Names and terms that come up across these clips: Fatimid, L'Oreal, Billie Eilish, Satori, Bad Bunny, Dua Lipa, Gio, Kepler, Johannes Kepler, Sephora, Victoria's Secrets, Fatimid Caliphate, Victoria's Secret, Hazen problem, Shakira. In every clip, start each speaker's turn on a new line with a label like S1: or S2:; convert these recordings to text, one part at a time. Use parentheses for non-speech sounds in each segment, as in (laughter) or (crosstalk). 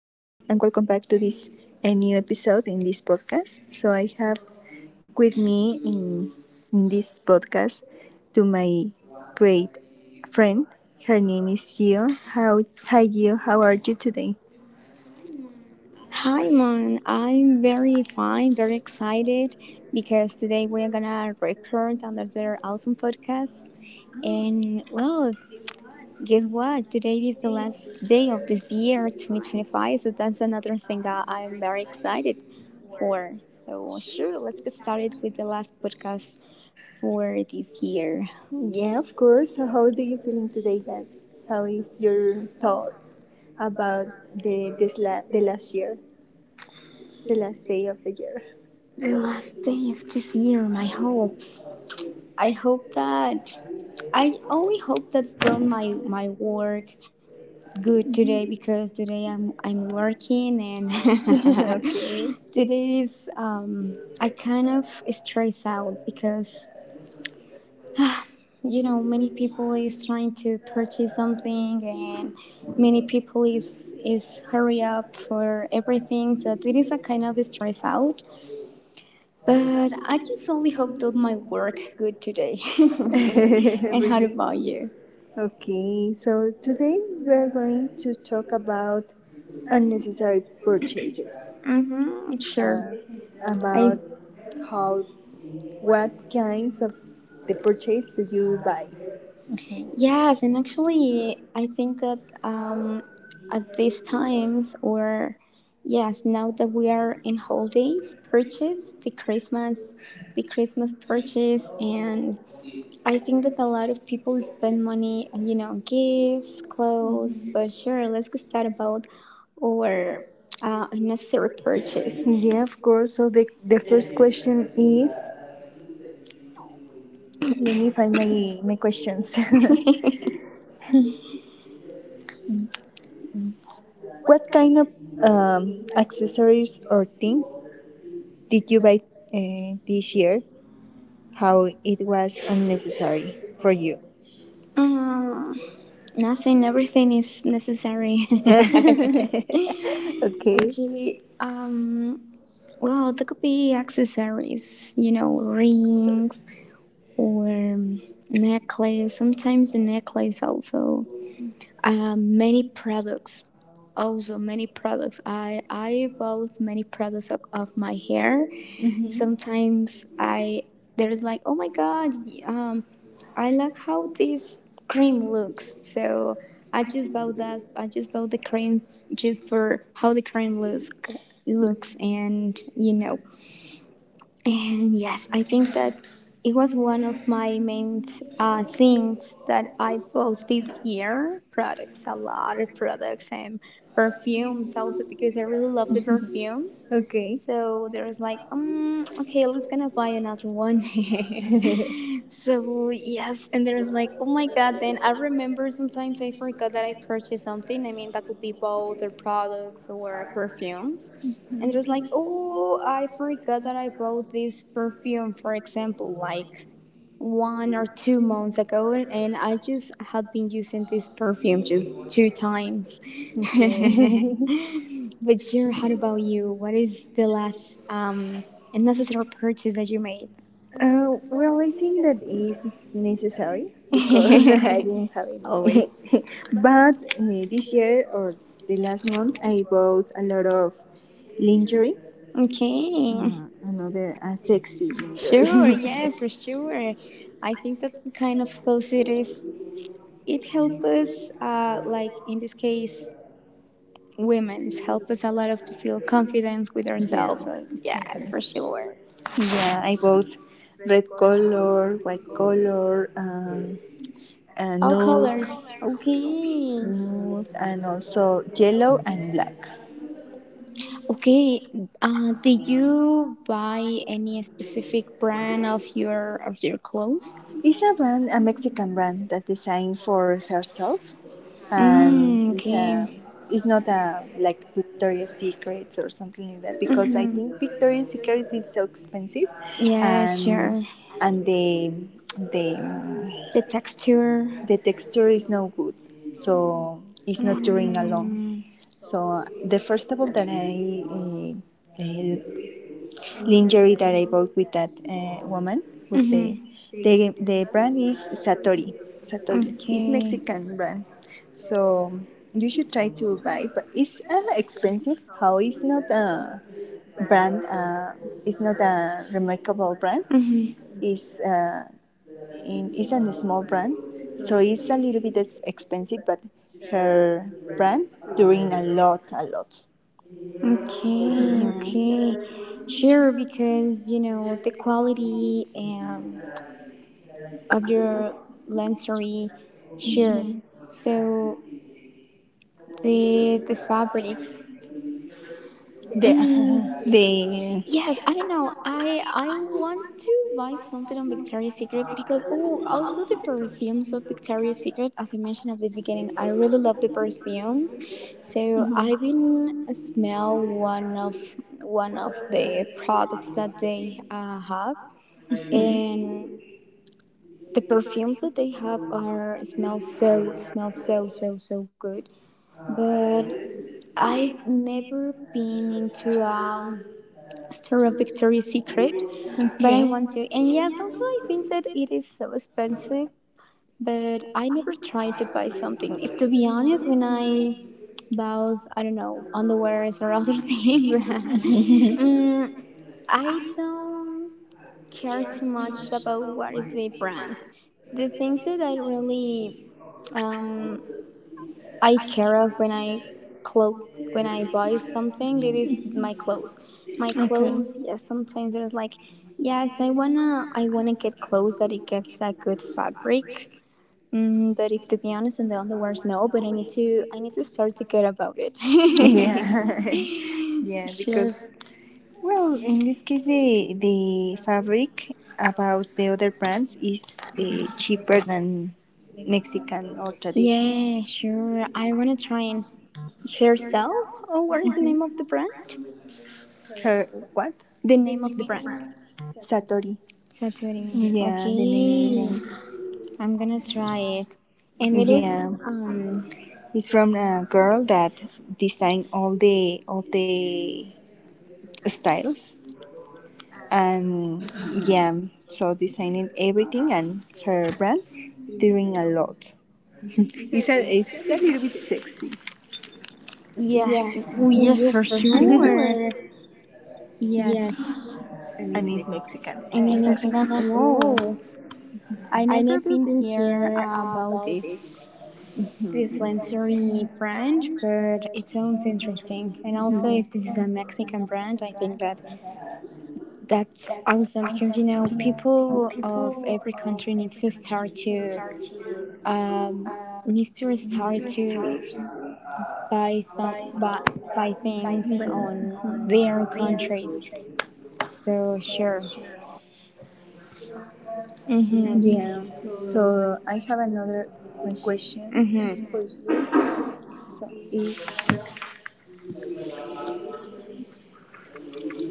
S1: and welcome back to this a new episode in this podcast. So I have with me in this podcast to my great friend. Her name is Gio. How hi Gio, how are you today?
S2: Hi, Mon. I'm very fine, very excited because today we're gonna record another awesome podcast. And well, guess what? Today is the last day of this year, 2025. So that's another thing that I'm very excited for. So, sure, let's get started with the last podcast for this year.
S1: Yeah, of course. So how do you feeling today, Dad? How is your thoughts about the last year, the last day of the year?
S2: The last day of this year, my hopes. I hope that I only hope that done my work good today because today I'm working and
S1: (laughs)
S2: (laughs)
S1: okay.
S2: today is I kind of stress out because many people is trying to purchase something and many people is hurry up for everything, so it is a kind of stress out, but I just only hope that my work good today. (laughs) And how
S1: (laughs) really.
S2: about you?
S1: Okay, so today we're going to talk about unnecessary purchases,
S2: Mm-hmm, sure.
S1: uh,
S2: I
S1: about how what kinds of the purchase do you buy.
S2: Yes, and actually, I think that at these times, or yes, now that we are in holidays, purchase the Christmas purchase, and I think that a lot of people spend money, and gifts, clothes. But sure, let's get started about our unnecessary purchase.
S1: Yeah, of course. So the first question is let me find my questions. (laughs) what kind of accessories or things did you buy this year? How it was unnecessary for you.
S2: Um, Nothing, everything is necessary. (laughs)
S1: (laughs) okay.
S2: Okay. Well, there could be accessories, rings or necklace. Sometimes the necklace also. Many products. Also, many products. I bought many products of my hair.
S1: Hmm.
S2: Sometimes I there's like, oh my god, um, I like how this cream looks. So I just bought that. I just bought the cream just for how the cream looks and and yes, I think that it was one of my main things that I bought this year, products, a lot of products, and perfumes also, because I really love the perfumes.
S1: Okay.
S2: So there was like, okay, let's gonna buy another one.
S1: (laughs)
S2: (laughs) So yes, and there was like, oh my god. Then I remember sometimes I forgot that I purchased something. I mean, that could be both, or products or perfumes, and it was like, oh, I forgot that I bought this perfume, for example, like 1 or 2 months ago, and I just have been using this perfume just 2 times. (laughs)
S1: okay. (laughs)
S2: But sure, how about you? What is the last unnecessary purchase that you made?
S1: Well, I think that is necessary because (laughs) I
S2: (laughs)
S1: didn't have any.
S2: Always.
S1: (laughs) But this year or the last month, I bought a lot of lingerie,
S2: Okay.
S1: another sexy
S2: Sure,
S1: lingerie. (laughs)
S2: yes, for sure. I think that kind of close, it helps us, like in this case, women's help us a lot of to feel confidence with
S1: yeah,
S2: ourselves. So yes,
S1: exactly.
S2: for sure.
S1: Yeah, I bought red color, white color,
S2: All
S1: nude.
S2: colors. Okay.
S1: Mm, and also yellow and black.
S2: Okay. Did you buy any specific brand of your clothes?
S1: It's a brand, a Mexican brand that designed for herself, and
S2: Mm,
S1: it's a,
S2: okay.
S1: it's not a like Victoria's Secrets or something like that because I think
S2: Mm-hmm.
S1: Victoria's Secrets is so expensive,
S2: Yeah,
S1: and
S2: sure.
S1: and the
S2: The
S1: the
S2: texture.
S1: the texture is no good, so it's not during alone.
S2: Mm.
S1: So the first table that I. Uh, lingerie that I bought with that woman. With the
S2: Mm-hmm.
S1: the brand is Satori. Satori is
S2: Okay.
S1: Mexican brand, so you should try to buy. But it's expensive. How it's not a brand. It's not a remarkable brand.
S2: Mm-hmm.
S1: It's it's a small brand, so it's a little bit expensive. But her brand doing a lot, a lot.
S2: Okay, okay. Sure, because the quality of your lensery, sure.
S1: Mhm.
S2: So the fabrics.
S1: The
S2: Mm,
S1: (laughs) the
S2: yes, I don't know. I want to buy something on Victoria's Secret because, oh, also the perfumes of Victoria's Secret. As I mentioned at the beginning, I really love the perfumes. So I've been smell one of the products that they have,
S1: Mhm.
S2: and the perfumes that they have are smell so so so good. But I've never been into store of Victoria's Secret, but I
S1: Okay.
S2: want to. And
S1: (laughs)
S2: yes, also I think that it is so expensive, but I never tried to buy something. If to be honest, when I bought, I don't know, underwears or other (laughs) things, (laughs)
S1: okay. (laughs)
S2: mm, I don't care too much about what is the brand. The things that I really um, I care of clothes when I buy something that is my clothes. My clothes, yes. Yeah, sometimes there's like, yes, I wanna get clothes that it gets a good fabric. Mm, but if to be honest and the underwears no, but I need to start to care about it.
S1: Yeah. (laughs)
S2: (laughs)
S1: yeah,
S2: Sure.
S1: because well, in this case, the fabric about the other brands is cheaper than Mexican or traditional.
S2: Yeah, sure. I wanna try and herself. Oh, what is the name of the brand?
S1: Her, what?
S2: The name of the brand.
S1: Satori.
S2: Satori.
S1: Yeah, the
S2: Okay.
S1: name.
S2: I'm gonna try it. And it
S1: Yeah,
S2: is,
S1: it's from a girl that designed all the styles and yeah, so designing everything and her brand doing a lot. It's a little bit sexy
S2: yes, oh, yes, for sure. (laughs) Yes.
S1: and it's Mexican.
S2: And it's Mexican. Whoa, I never been here about this Lancery brand, but it sounds interesting. And also, if this is a Mexican brand, I think that that's awesome because people of every country um, needs to start to by some, by, by things on their countries. So sure. Mhm.
S1: Yeah. So I have another question
S2: Mhm.
S1: for you. So is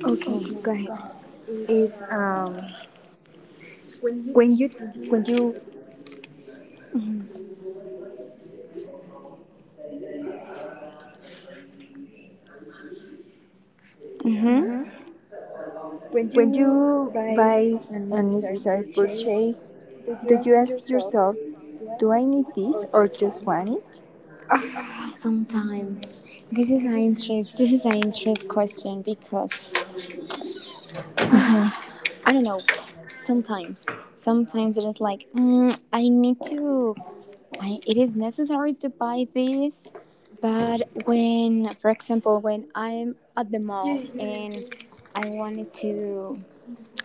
S2: Okay, go ahead.
S1: is um when you when you
S2: Mhm.
S1: when you buy unnecessary purchase, do you ask yourself, do I need this or just want it?
S2: Sometimes this is an interest question because
S1: Yeah.
S2: I don't know. Sometimes, it is like, I need to. I It is necessary to buy this, but when, for example, when I'm at the mall and I wanted to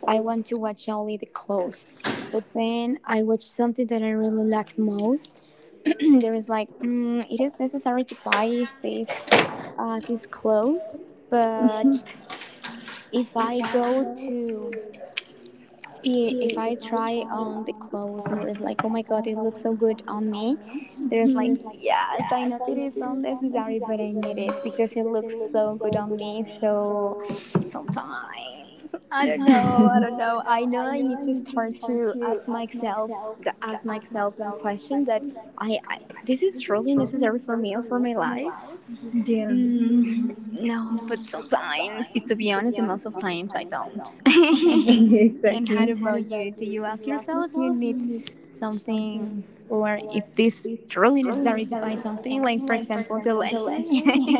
S2: I want to watch only the clothes. But then I watch something that I really like most. (clears throat) There is like, it is necessary to buy these clothes. But if I go to if I try on the clothes and there's like, oh my god, it looks so good on me, there's like, yes, I know that it's unnecessary, but I need it because it looks so good on me. So sometimes, I don't know. I know I need to start to ask myself that question that I this is really necessary for me or for my life.
S1: Yeah.
S2: No, but sometimes, if to be honest, most of times I don't.
S1: (laughs)
S2: (laughs) And
S1: exactly.
S2: how
S1: Do
S2: about you?
S1: you
S2: Do
S1: you
S2: you
S1: do
S2: ask
S1: you ask
S2: yourself if you
S1: yourself, you
S2: need
S1: need something?"
S2: something, or if this
S1: This
S2: truly
S1: really
S2: necessary to
S1: necessary
S2: buy
S1: to
S2: something, like,
S1: happen
S2: for
S1: when, for
S2: example, the
S1: example, the
S2: luxury?
S1: election?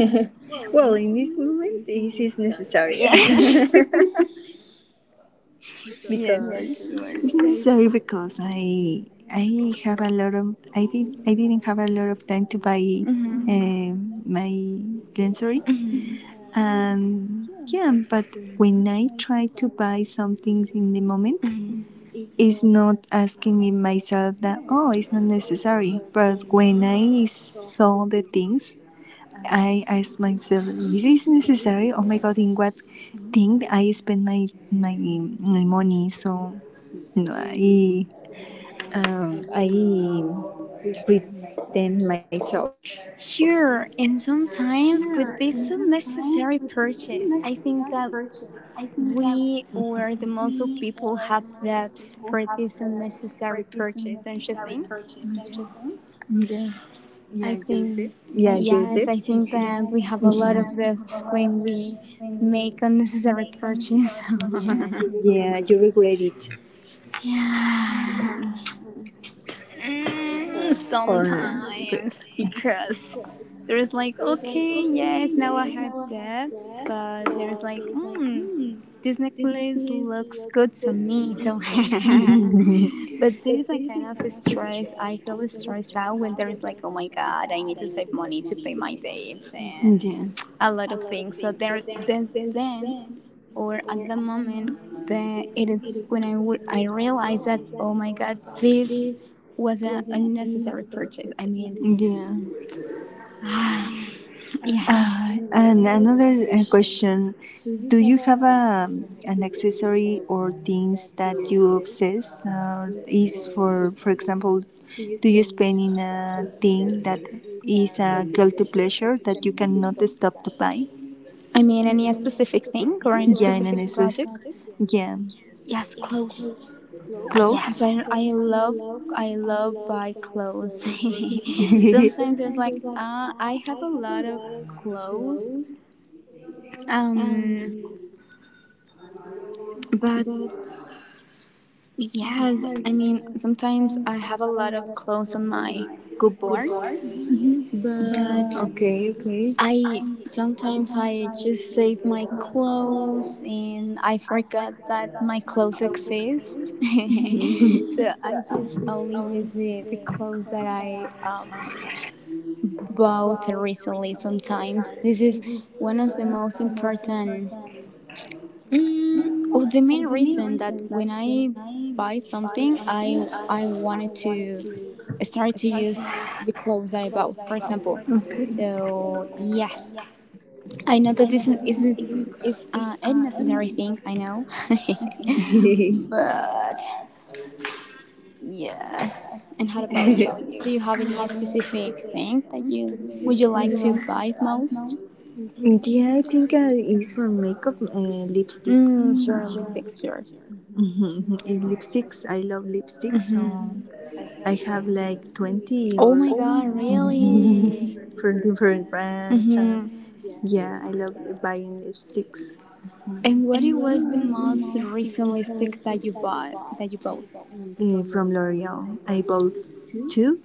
S2: (laughs)
S1: (laughs) (laughs) well, in this moment, this is necessary.
S2: Yeah.
S1: (laughs)
S2: (laughs) Yes, for sure.
S1: it's necessary because I have a lot of I did I didn't have a lot of time to buy
S2: Mhm.
S1: mm-hmm. My lensory
S2: Mhm.
S1: and yeah, but when I try to buy some things in the moment,
S2: Mhm.
S1: it's not asking me myself that oh it's not necessary. But when I saw the things, I asked myself, is this necessary? Oh my god, in what thing I spend my money? So no, I pretend myself.
S2: Sure, and sometimes with this unnecessary purchase, I think that we or the most of people have debts for this unnecessary purchase, don't you think?
S1: Yeah.
S2: I
S1: Yeah, your okay.
S2: think
S1: Debts.
S2: yes, I think that we have a lot of this when we make unnecessary purchase. (laughs) Yeah,
S1: Yeah, you
S2: you regret
S1: regret
S2: it.
S1: it
S2: Yeah.
S1: or re-
S2: Sometimes, because there's like, okay, yes, now I have debts, but there's like, this necklace looks good to me. So, (laughs) but there is a kind of stress. I feel stressed out when there is like, oh my god, I need to save money to pay my debts and
S1: yeah,
S2: a lot of things. So there, then or at the moment, it is when I realized that, oh my god, this was an unnecessary purchase. I mean,
S1: yeah. Ah,
S2: yes.
S1: and another question. Do you have a, an accessory or things that you obsess or is for example, do you spend in a thing that is a guilty pleasure that you cannot stop to buy?
S2: I mean, any specific thing or any
S1: Yeah, in
S2: specific project?
S1: yeah,
S2: Yes, clothes. Yes,
S1: clothes.
S2: I, I
S1: (laughs)
S2: love I love buy clothes.
S1: (laughs)
S2: (laughs) Sometimes it's
S1: Sometimes
S2: like, I have a lot of clothes, um, but yes, I mean, sometimes I have a lot of clothes on my good board, but
S1: okay, okay.
S2: I sometimes I just save my clothes and I forgot that my clothes exist. (laughs) So I just only use the clothes that I bought recently sometimes. This is one of the most important. Oh, the main reason that when I buy something, I wanted to start to use the clothes that I bought, for example.
S1: Okay.
S2: So yes, I know that this isn't is a necessary thing. I know,
S1: (laughs)
S2: (laughs) but yes. And how about you? Do you have any specific thing that you like to buy most?
S1: yeah, I think it's for makeup, lipstick. (laughs)
S2: Mm, sure, lipsticks, sure.
S1: Eh, lipsticks, I love lipsticks, so
S2: Mm-hmm.
S1: I have like 20
S2: Oh
S1: or (laughs)
S2: my god, really?
S1: for different brands. Or,
S2: Mm-hmm.
S1: yeah, I love buying lipsticks
S2: And what it was the most realistic that you bought?
S1: from L'Oreal. I bought two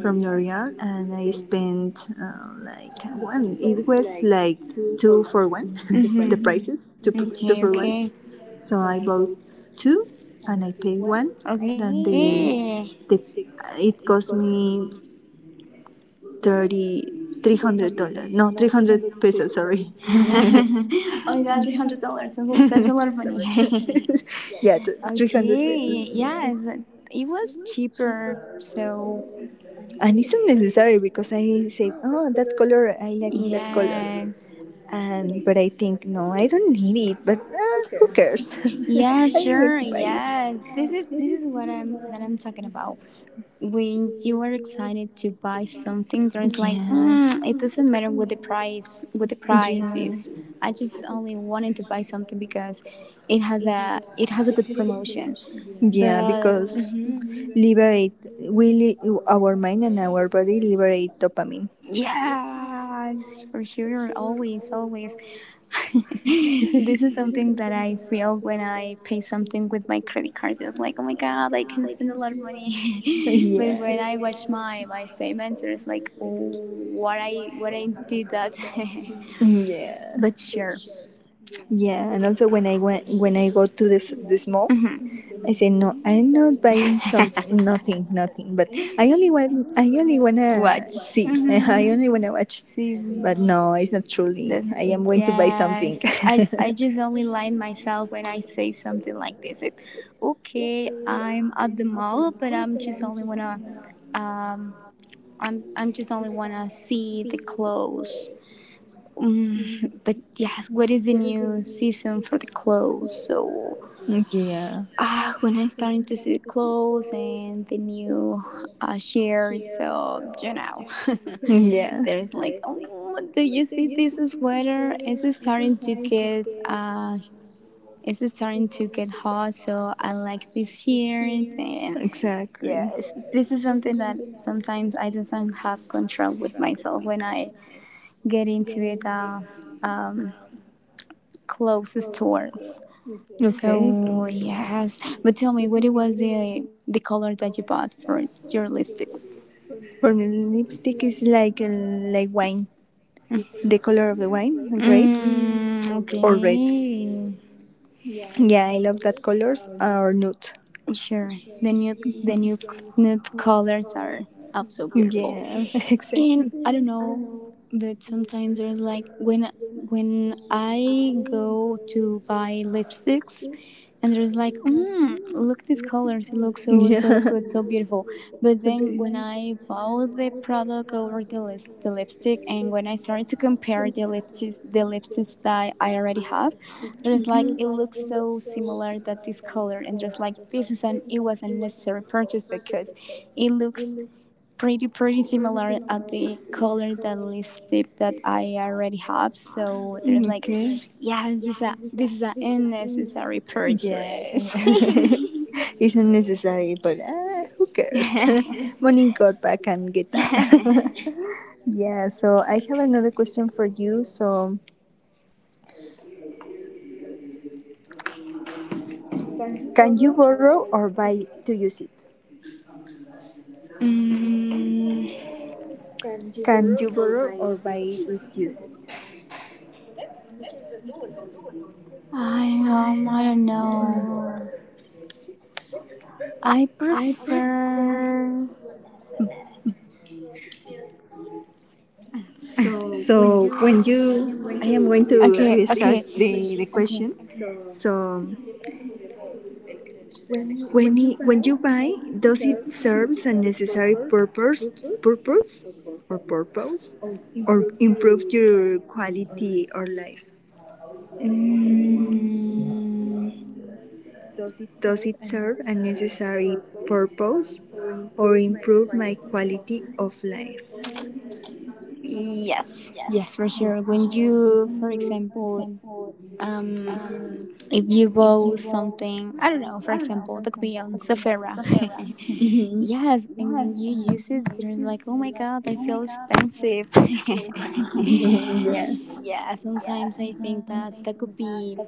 S1: from L'Oreal and I spent like one it was like two for one (laughs) the
S2: Mm-hmm.
S1: prices two,
S2: Okay,
S1: two for one
S2: okay.
S1: so I bought two and I paid one then the
S2: Okay.
S1: the it cost me 30 300 dollars no 300 pesos sorry
S2: (laughs)
S1: (laughs)
S2: Oh my god, $300. That's a lot of money. (laughs)
S1: yeah 300 pesos
S2: Okay.
S1: yeah
S2: Yes. It was cheaper, so
S1: and it's unnecessary because I said oh that color I like me that color
S2: yes.
S1: and but I think no, I don't need it. But who cares? (laughs)
S2: Yeah,
S1: I'm going
S2: sure.
S1: to buy it.
S2: Yeah. This is what I'm that I'm talking about. When you are excited to buy something, there's like,
S1: Yeah,
S2: it doesn't matter what the price
S1: yeah,
S2: is. I just only wanted to buy something because it has a good promotion.
S1: yeah.
S2: But
S1: Because our mind and our body liberate dopamine.
S2: yes, for sure. Always, always. (laughs) This is something that I feel when I pay something with my credit card. It's like, oh my god, I can spend a lot of
S1: (laughs)
S2: money. (laughs) But when I
S1: yeah,
S2: watch my statements, it's like, oh, what I did that. (laughs)
S1: yeah,
S2: But sure,
S1: yeah. And also when I go to this mall,
S2: hmm
S1: I said, no, I'm not buying some nothing, nothing. But I only want, I only wanna
S2: watch.
S1: see, (laughs) I only wanna watch.
S2: See,
S1: But no, it's not truly. I
S2: doesn't,
S1: am going to buy something.
S2: yes, I just only lie myself when I say something like this. Okay, I'm at the mall, but I'm just only wanna, um, I'm just only wanna see the clothes. Mm, but yes, what is the new season for the clothes? So
S1: (laughs) yeah,
S2: when I started to see the clothes and the new shares, so
S1: yeah,
S2: (laughs) there's like, oh, do you see this sweater? It's starting to get hot. So I like this shirt, and
S1: exactly.
S2: yes, this is something that sometimes I don't have control with myself when I get into it. Um, clothes store.
S1: Okay.
S2: So yes, but tell me, what it was the color that you bought for your lipsticks?
S1: For me, lipstick is like wine. The color of the wine, grapes
S2: Mm,
S1: or red.
S2: okay,
S1: Yeah, I love that colors or nude.
S2: sure. The new the new nude colors are also beautiful,
S1: Yeah, (laughs)
S2: and
S1: exactly.
S2: I don't know, but sometimes there's like when I go to buy lipsticks, and there's like look these colors, it looks so so
S1: Yeah. (laughs)
S2: good, so beautiful. But
S1: Should
S2: then
S1: be.
S2: when I browse the product over the list, the lipstick, and when I started to compare the lipsticks, the lipsticks that I already have, there's like it looks so similar, that this color, and there's like this is an it was a necessary purchase because it looks pretty pretty similar at the color, the lipstick that I already have. So there's
S1: Mhm.
S2: like,
S1: Okay.
S2: yes, this is a unnecessary
S1: Yeah, it's,
S2: purchase.
S1: un-
S2: (laughs) (laughs)
S1: (laughs) it's unnecessary, but who cares? (laughs) Money got back and get up. (laughs) yeah, so I have another question for you. So, can you borrow or buy to use it?
S2: mm,
S1: Can you borrow or buy it, use it?
S2: I don't know. I prefer.
S1: So, when you, I am going to
S2: Okay, okay,
S1: restart the
S2: okay.
S1: question. So, When it, when you buy, does it serves a necessary purpose, purpose, or improve your quality or life?
S2: Mm,
S1: Does it serve a necessary purpose, or improve my quality of life?
S2: yes, yes, for sure. When you, for example, um, if you bow something, I don't know, for example the coupon Sephora.
S1: Mhm.
S2: (laughs) Yes, and when you use it, you're like, oh my god, I feel expensive. (laughs)
S1: Yeah.
S2: Yeah, sometimes I think that that could be,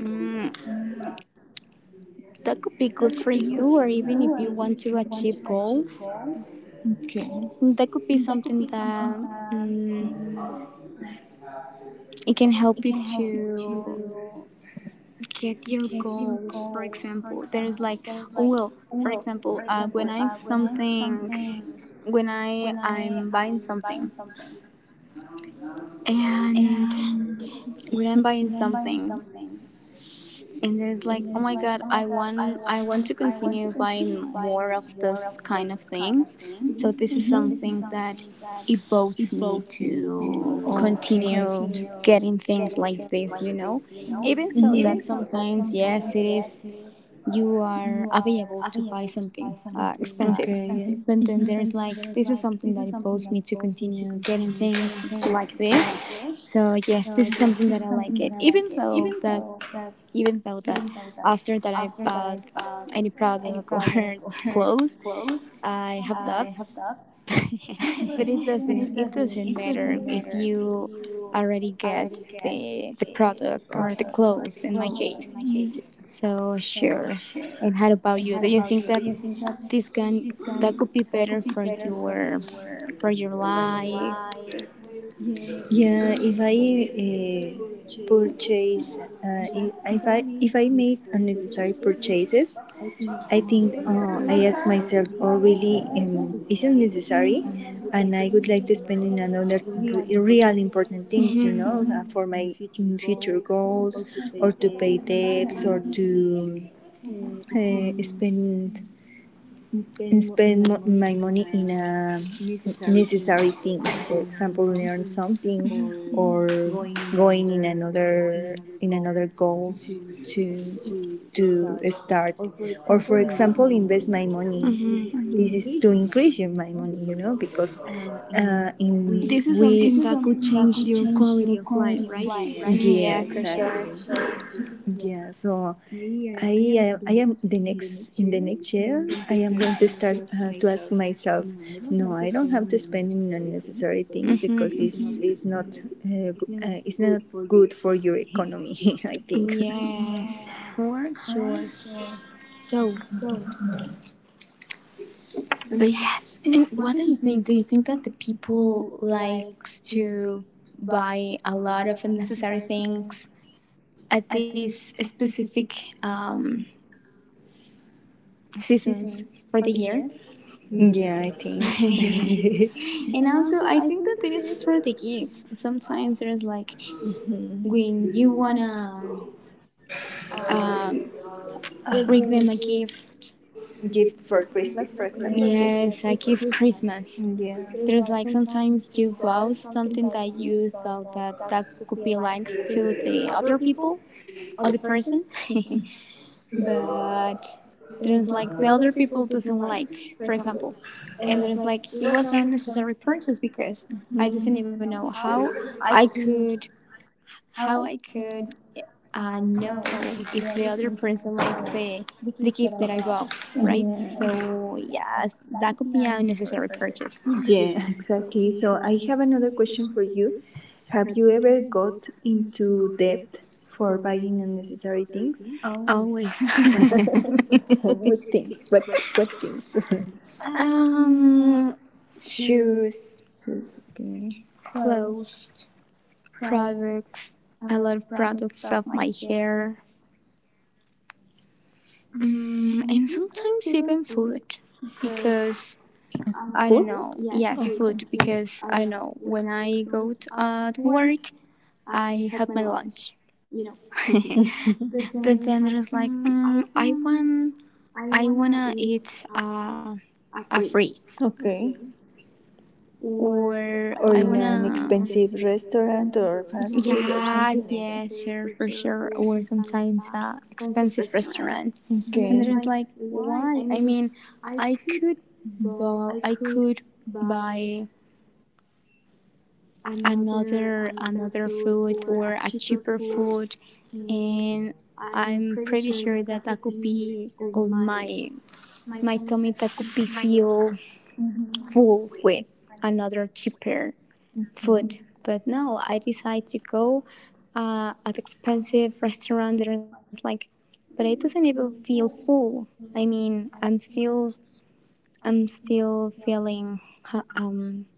S2: mm, that could be good for you, or even if you want to achieve goals,
S1: Okay.
S2: that could be something that, mm, it can help you to get your goals. For example there's like, oh well, for example, when I'm buying something, and when I'm buying something, and there's like, oh my god, I want to continue buying more of this kind of things. Mm-hmm. So this is
S1: Mhm.
S2: something that evokes me to
S1: Okay.
S2: continue getting things like this. Mm-hmm. Even though that
S1: Mhm.
S2: sometimes, yes, it is, you are available to buy something expensive. But then there's
S1: Mhm.
S2: like, this is something that evolves me to continue getting things like this. So yes, this is something that I like it. Even though that after that I bought any product or (laughs) clothes, I have up. (laughs) But it doesn't matter if you already get the product or the clothes in my case. So sure. And how about you? Do you think that this can, that could be better for your life.
S1: Yeah. If I uh, purchase, uh, if I made unnecessary purchases, I think I ask myself, "Oh, really? Isn't necessary?" And I would like to spend in another real important things, you know, for my future goals, or to pay debts, or to uh, spend spend my money in necessary things. For example, learn something or going in another goals to to start. Or for example, invest my money. This
S2: Mhm.
S1: is to increase your my money, you know, because in we
S2: This is something that could change your quality of life, right?
S1: yeah
S2: Yes, yes, for
S1: exactly. Yes,
S2: sure.
S1: yeah so I am the next in the next year. I am going to start to ask myself, no,
S2: No, I
S1: I
S2: don't
S1: don't
S2: have
S1: have to spend in
S2: feminine
S1: unnecessary things
S2: because
S1: because
S2: mm-hmm.
S1: mm-hmm. it's
S2: It's
S1: it's
S2: not,
S1: not
S2: it's
S1: it's
S2: not
S1: not good
S2: good for
S1: for your
S2: you.
S1: economy. (laughs) I think.
S2: Yes, for sure. So, but yes, and what do you think? Do you think that the people likes to buy a lot of unnecessary things at these specific um, seasons for the year.
S1: (laughs) yeah, I think
S2: (laughs) And also, I think that it is for the gifts. Sometimes there's like when you wanna um, bring them a gift.
S1: (laughs) gift for
S2: Christmas.
S1: Christmas, for example,
S2: Yes, a
S1: gifts
S2: gift
S1: for
S2: Christmas.
S1: yeah
S2: There's like sometimes you buy something that you thought that
S1: adapt
S2: could be likes to the other people or the person. (laughs) But there's like the other people doesn't like, for example. And there's like it was an unnecessary purchase because I did not even know I could how I could know if the other person likes the gift that I bought, right?
S1: yeah.
S2: So yeah, that could be an unnecessary purchase.
S1: Yeah, exactly. So I have another question for you. Have you ever got into debt for buying unnecessary things?
S2: Always.
S1: (laughs) Good things, but what things? (laughs)
S2: (laughs) um, shoes,
S1: Yes, okay.
S2: clothes, products, a lot of products of my hair, and sometimes even food because I don't
S1: Food?
S2: know. Yes,
S1: Okay.
S2: food because I don't know. When I go to, at work, I have my lunch, you know. (laughs) But then there's like, I wanna eat a freeze,
S1: Okay.
S2: or
S1: Or
S2: I
S1: in an don't
S2: wanna,
S1: expensive restaurant or fast food or something
S2: yes,
S1: like
S2: yes, sure,
S1: that.
S2: for sure. Or sometimes expensive restaurant,
S1: And
S2: and
S1: okay.
S2: there is like, why? I mean, I could, buy, I could buy another food or a cheaper food, and I'm pretty sure that I could be on my, my tummy, that could be feel full with another cheaper
S1: Things.
S2: food. But no, I decide to go at expensive restaurant that is like, but it doesn't even feel full. I mean, I'm still feeling um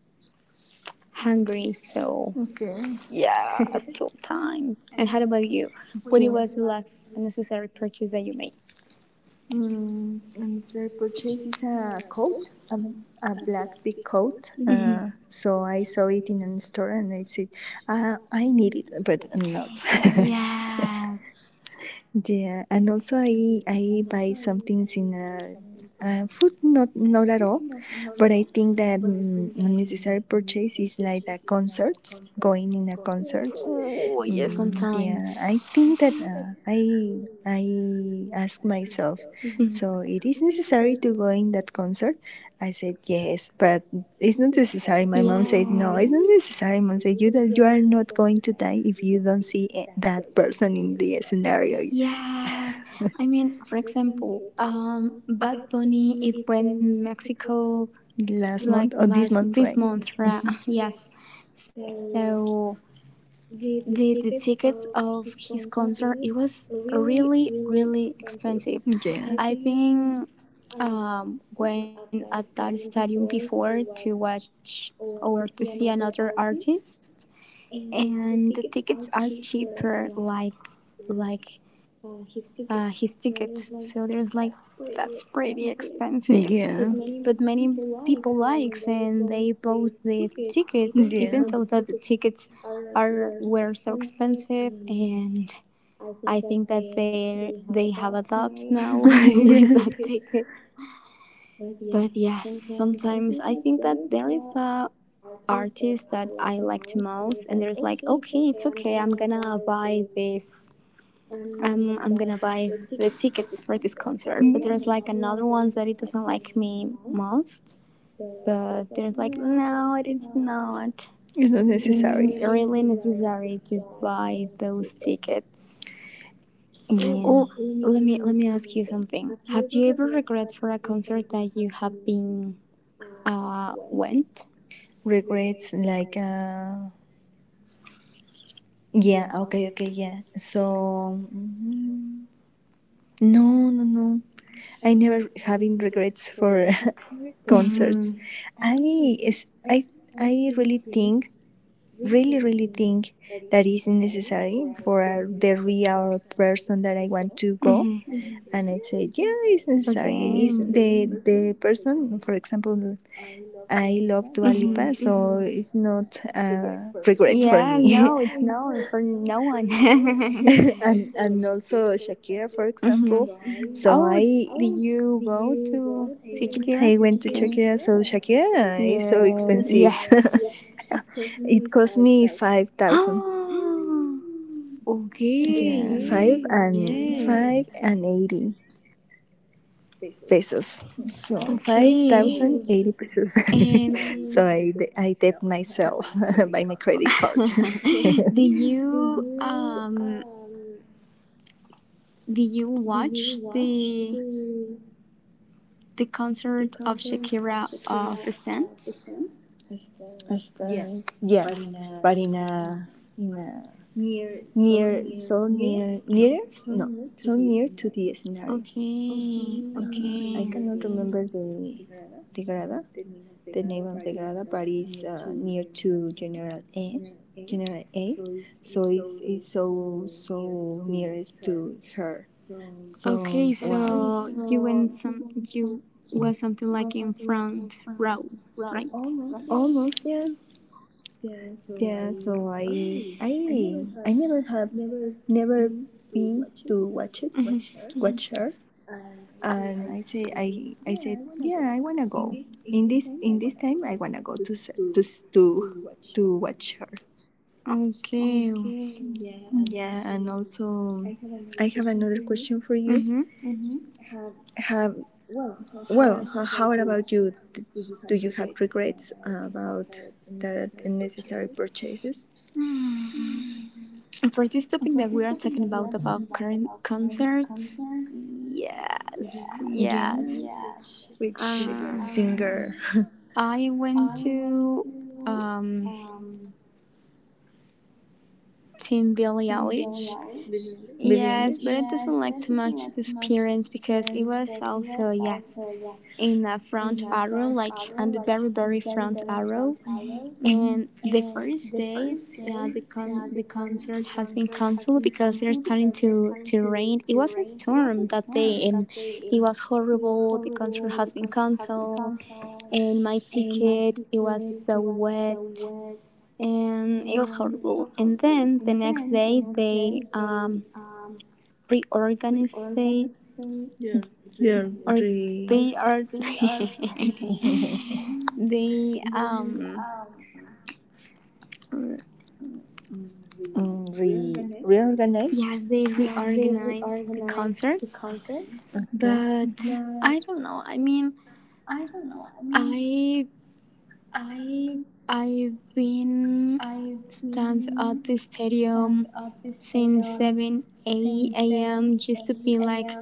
S2: hungry. So
S1: Okay.
S2: yeah, sometimes. And how about you? What was
S1: Jean.
S2: the last unnecessary purchase that you made?
S1: Mm, and sir purchases a coat, a black big coat. Mm-hmm.
S2: Hmm.
S1: So I saw it in a store and I said, I need it, but not.
S2: Yes.
S1: (laughs) yeah. And also I buy some things in a, food, not, not at all. But I think that mm, unnecessary purchase is like the concerts, going in a concert.
S2: Oh yeah,
S1: Mm,
S2: sometimes.
S1: yeah, I think that I ask myself, Mhm.
S2: Mhm.
S1: so it is necessary to go in that concert. I said yes, but it's not necessary. My mom said no, it's not
S2: Yes.
S1: necessary. Mom said you that you are not going to die if you don't see eh, that person in the scenario
S2: Yes, I mean, for example, Bad Bunny it went Mexico
S1: last month
S2: like
S1: or this month,
S2: last
S1: right?
S2: this month,
S1: Mhm.
S2: right? (laughs) Yes, so the tickets of his concert it was really really expensive.
S1: Yeah.
S2: I've been went at that stadium before to watch or to see another artist, and the tickets are cheaper like his tickets. So there's like that's pretty expensive, but many people likes
S1: Yeah.
S2: and they bought the tickets,
S1: Yeah.
S2: even
S1: (laughs)
S2: though that the tickets are, were so expensive. And I think that they have a dubs now (laughs)
S1: (laughs) yeah.
S2: with the tickets. But yes, sometimes I think that there is a artists that I liked most, and there's like, okay, it's okay, I'm gonna buy this. I'm gonna buy the tickets for this
S1: is
S2: concert. But there's like
S1: Mm,
S2: another ones that it doesn't like me most. But there's like no, it is not
S1: it's not necessary.
S2: really necessary to buy those tickets.
S1: Yeah.
S2: Oh, let me ask you something. Have you ever regret for a concert that you have been went?
S1: Regrets like yeah, okay, okay, yeah. So mm, no, no, no. I never having regrets for (laughs) concerts. Mhm. I is I I really think really, really think that is necessary for the real person that I want to go.
S2: Mm-hmm.
S1: And I said, yeah, it's necessary. It is the person, for example, I love Dua Lipa, so mm-hmm. it's not regret for
S2: Yeah,
S1: me. Yeah,
S2: no,
S1: I
S2: it's
S1: know.
S2: no for no one. (laughs)
S1: (laughs) And also Shakira, for
S2: Hmm.
S1: example. Mm-hmm. So
S2: Oh,
S1: I
S2: do
S1: oh,
S2: you go to Sichikira?
S1: I went to Shakira. So Shakira is so
S2: Yeah.
S1: expensive.
S2: (laughs) Session.
S1: (laughs) it cost me 5,000. Yeah, five
S2: Yes.
S1: and five
S2: (gasps)
S1: and eighty pesos. So 5,080 pesos.
S2: Pesos.
S1: (laughs) so I debt myself (laughs) by my
S2: (laughs)
S1: credit
S2: (laughs) So
S1: card. (laughs)
S2: do you um? Did you watch the concert of Shakira of Stan?
S1: Yeah, but in a in a near so near nearest no so near to the scenario.
S2: Okay, I
S1: I cannot
S2: okay,
S1: remember the grada. The name of the Grada Party is near to General A. General A, so it's so so nearest to her.
S2: okay.
S1: So wow,
S2: So you
S1: wow.
S2: went, some you was something like in front row, right?
S1: Almost yeah, yeah. So I never have never been to watch it mm-hmm. watch her, and I said yeah I wanna go in this time I wanna go to to to watch her.
S2: Okay.
S1: Yeah, and also I have another question for you.
S2: Mm-hmm.
S1: Have well, h- how about you? Do you have regrets about that unnecessary purchases?
S2: And for this topic that we are talking about current concerts, yes, yes.
S1: Yeah, which
S2: Um,
S1: Singer? (laughs)
S2: I went to um Team Billie Eilish.
S1: Billie
S2: Yes, but it doesn't
S1: Eilish.
S2: like to match this appearance, because it was also yes in a front arrow, like on the very front arrow.
S1: Mm-hmm.
S2: And the first day, the concert has been canceled because it's starting to rain. It wasn't storm that day, and it was horrible. The concert has been canceled, and my ticket it was so wet and it was horrible. And then the next day they reorganized,
S1: They're
S2: or
S1: re
S2: they are, (laughs) they
S1: mm, re reorganized.
S2: yes they reorganized the concert,
S1: Okay,
S2: but I don't know. I mean, I I've been stands at the stadium since 7 8 a.m. just to be like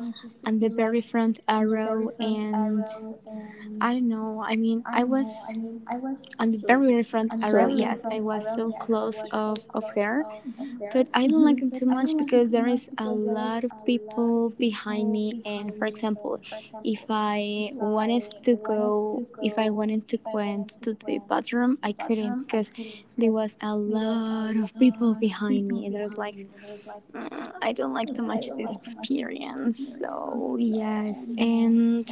S2: on the very front row. And I don't know. I mean, I was
S1: I
S2: on the
S1: so
S2: very front row.
S1: that.
S2: Yes, I was so close of her,
S1: Mhm.
S2: but I don't like it too much because there is a lot of people behind me. And for example, if I wanted to go, if I wanted to went to the bathroom, I couldn't because there was a lot of people behind me, and there was like, I don't like too much this experience. So yes, and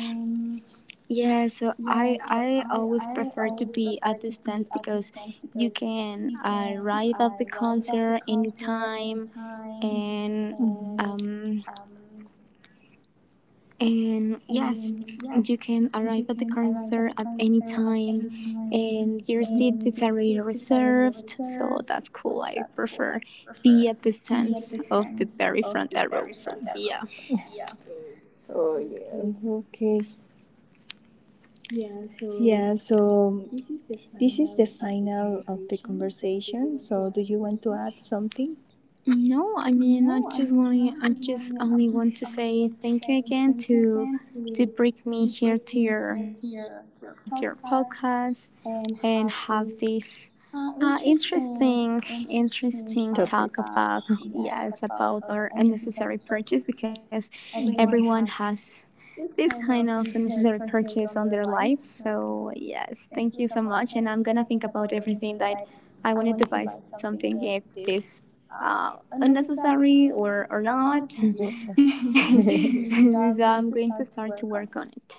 S2: yeah, so I always prefer to be at the stands because you can arrive at the concert anytime,
S1: Mhm.
S2: and um yes, you can arrive at the concert at any time, and your seat is already reserved, so that's cool. I prefer be at the stands of the very front row. So yeah.
S1: Oh yeah. Okay. Yeah, so this is the final of the conversation. So, do you want to add something?
S2: No, I mean, I just only want to say thank you again to bring me here to your podcast, and have this uh, interesting interesting talk about
S1: Topic.
S2: yes about our unnecessary purchase because everyone has this kind of necessary purchase on their lives. So yes, thank you so much, and I'm gonna think about everything, that I wanted to buy something, if this unnecessary or not. (laughs) So I'm going to start to work on it.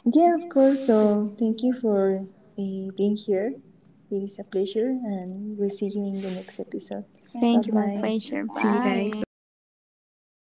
S1: Yeah, of course. So, thank you for being here. It is a pleasure, and we'll see you in the next
S2: Thank you,
S1: episode.
S2: my
S1: Things bye
S2: pleasure.
S1: bye. Pleasure.
S2: Bye.
S1: See you guys. Bye. Bye bye.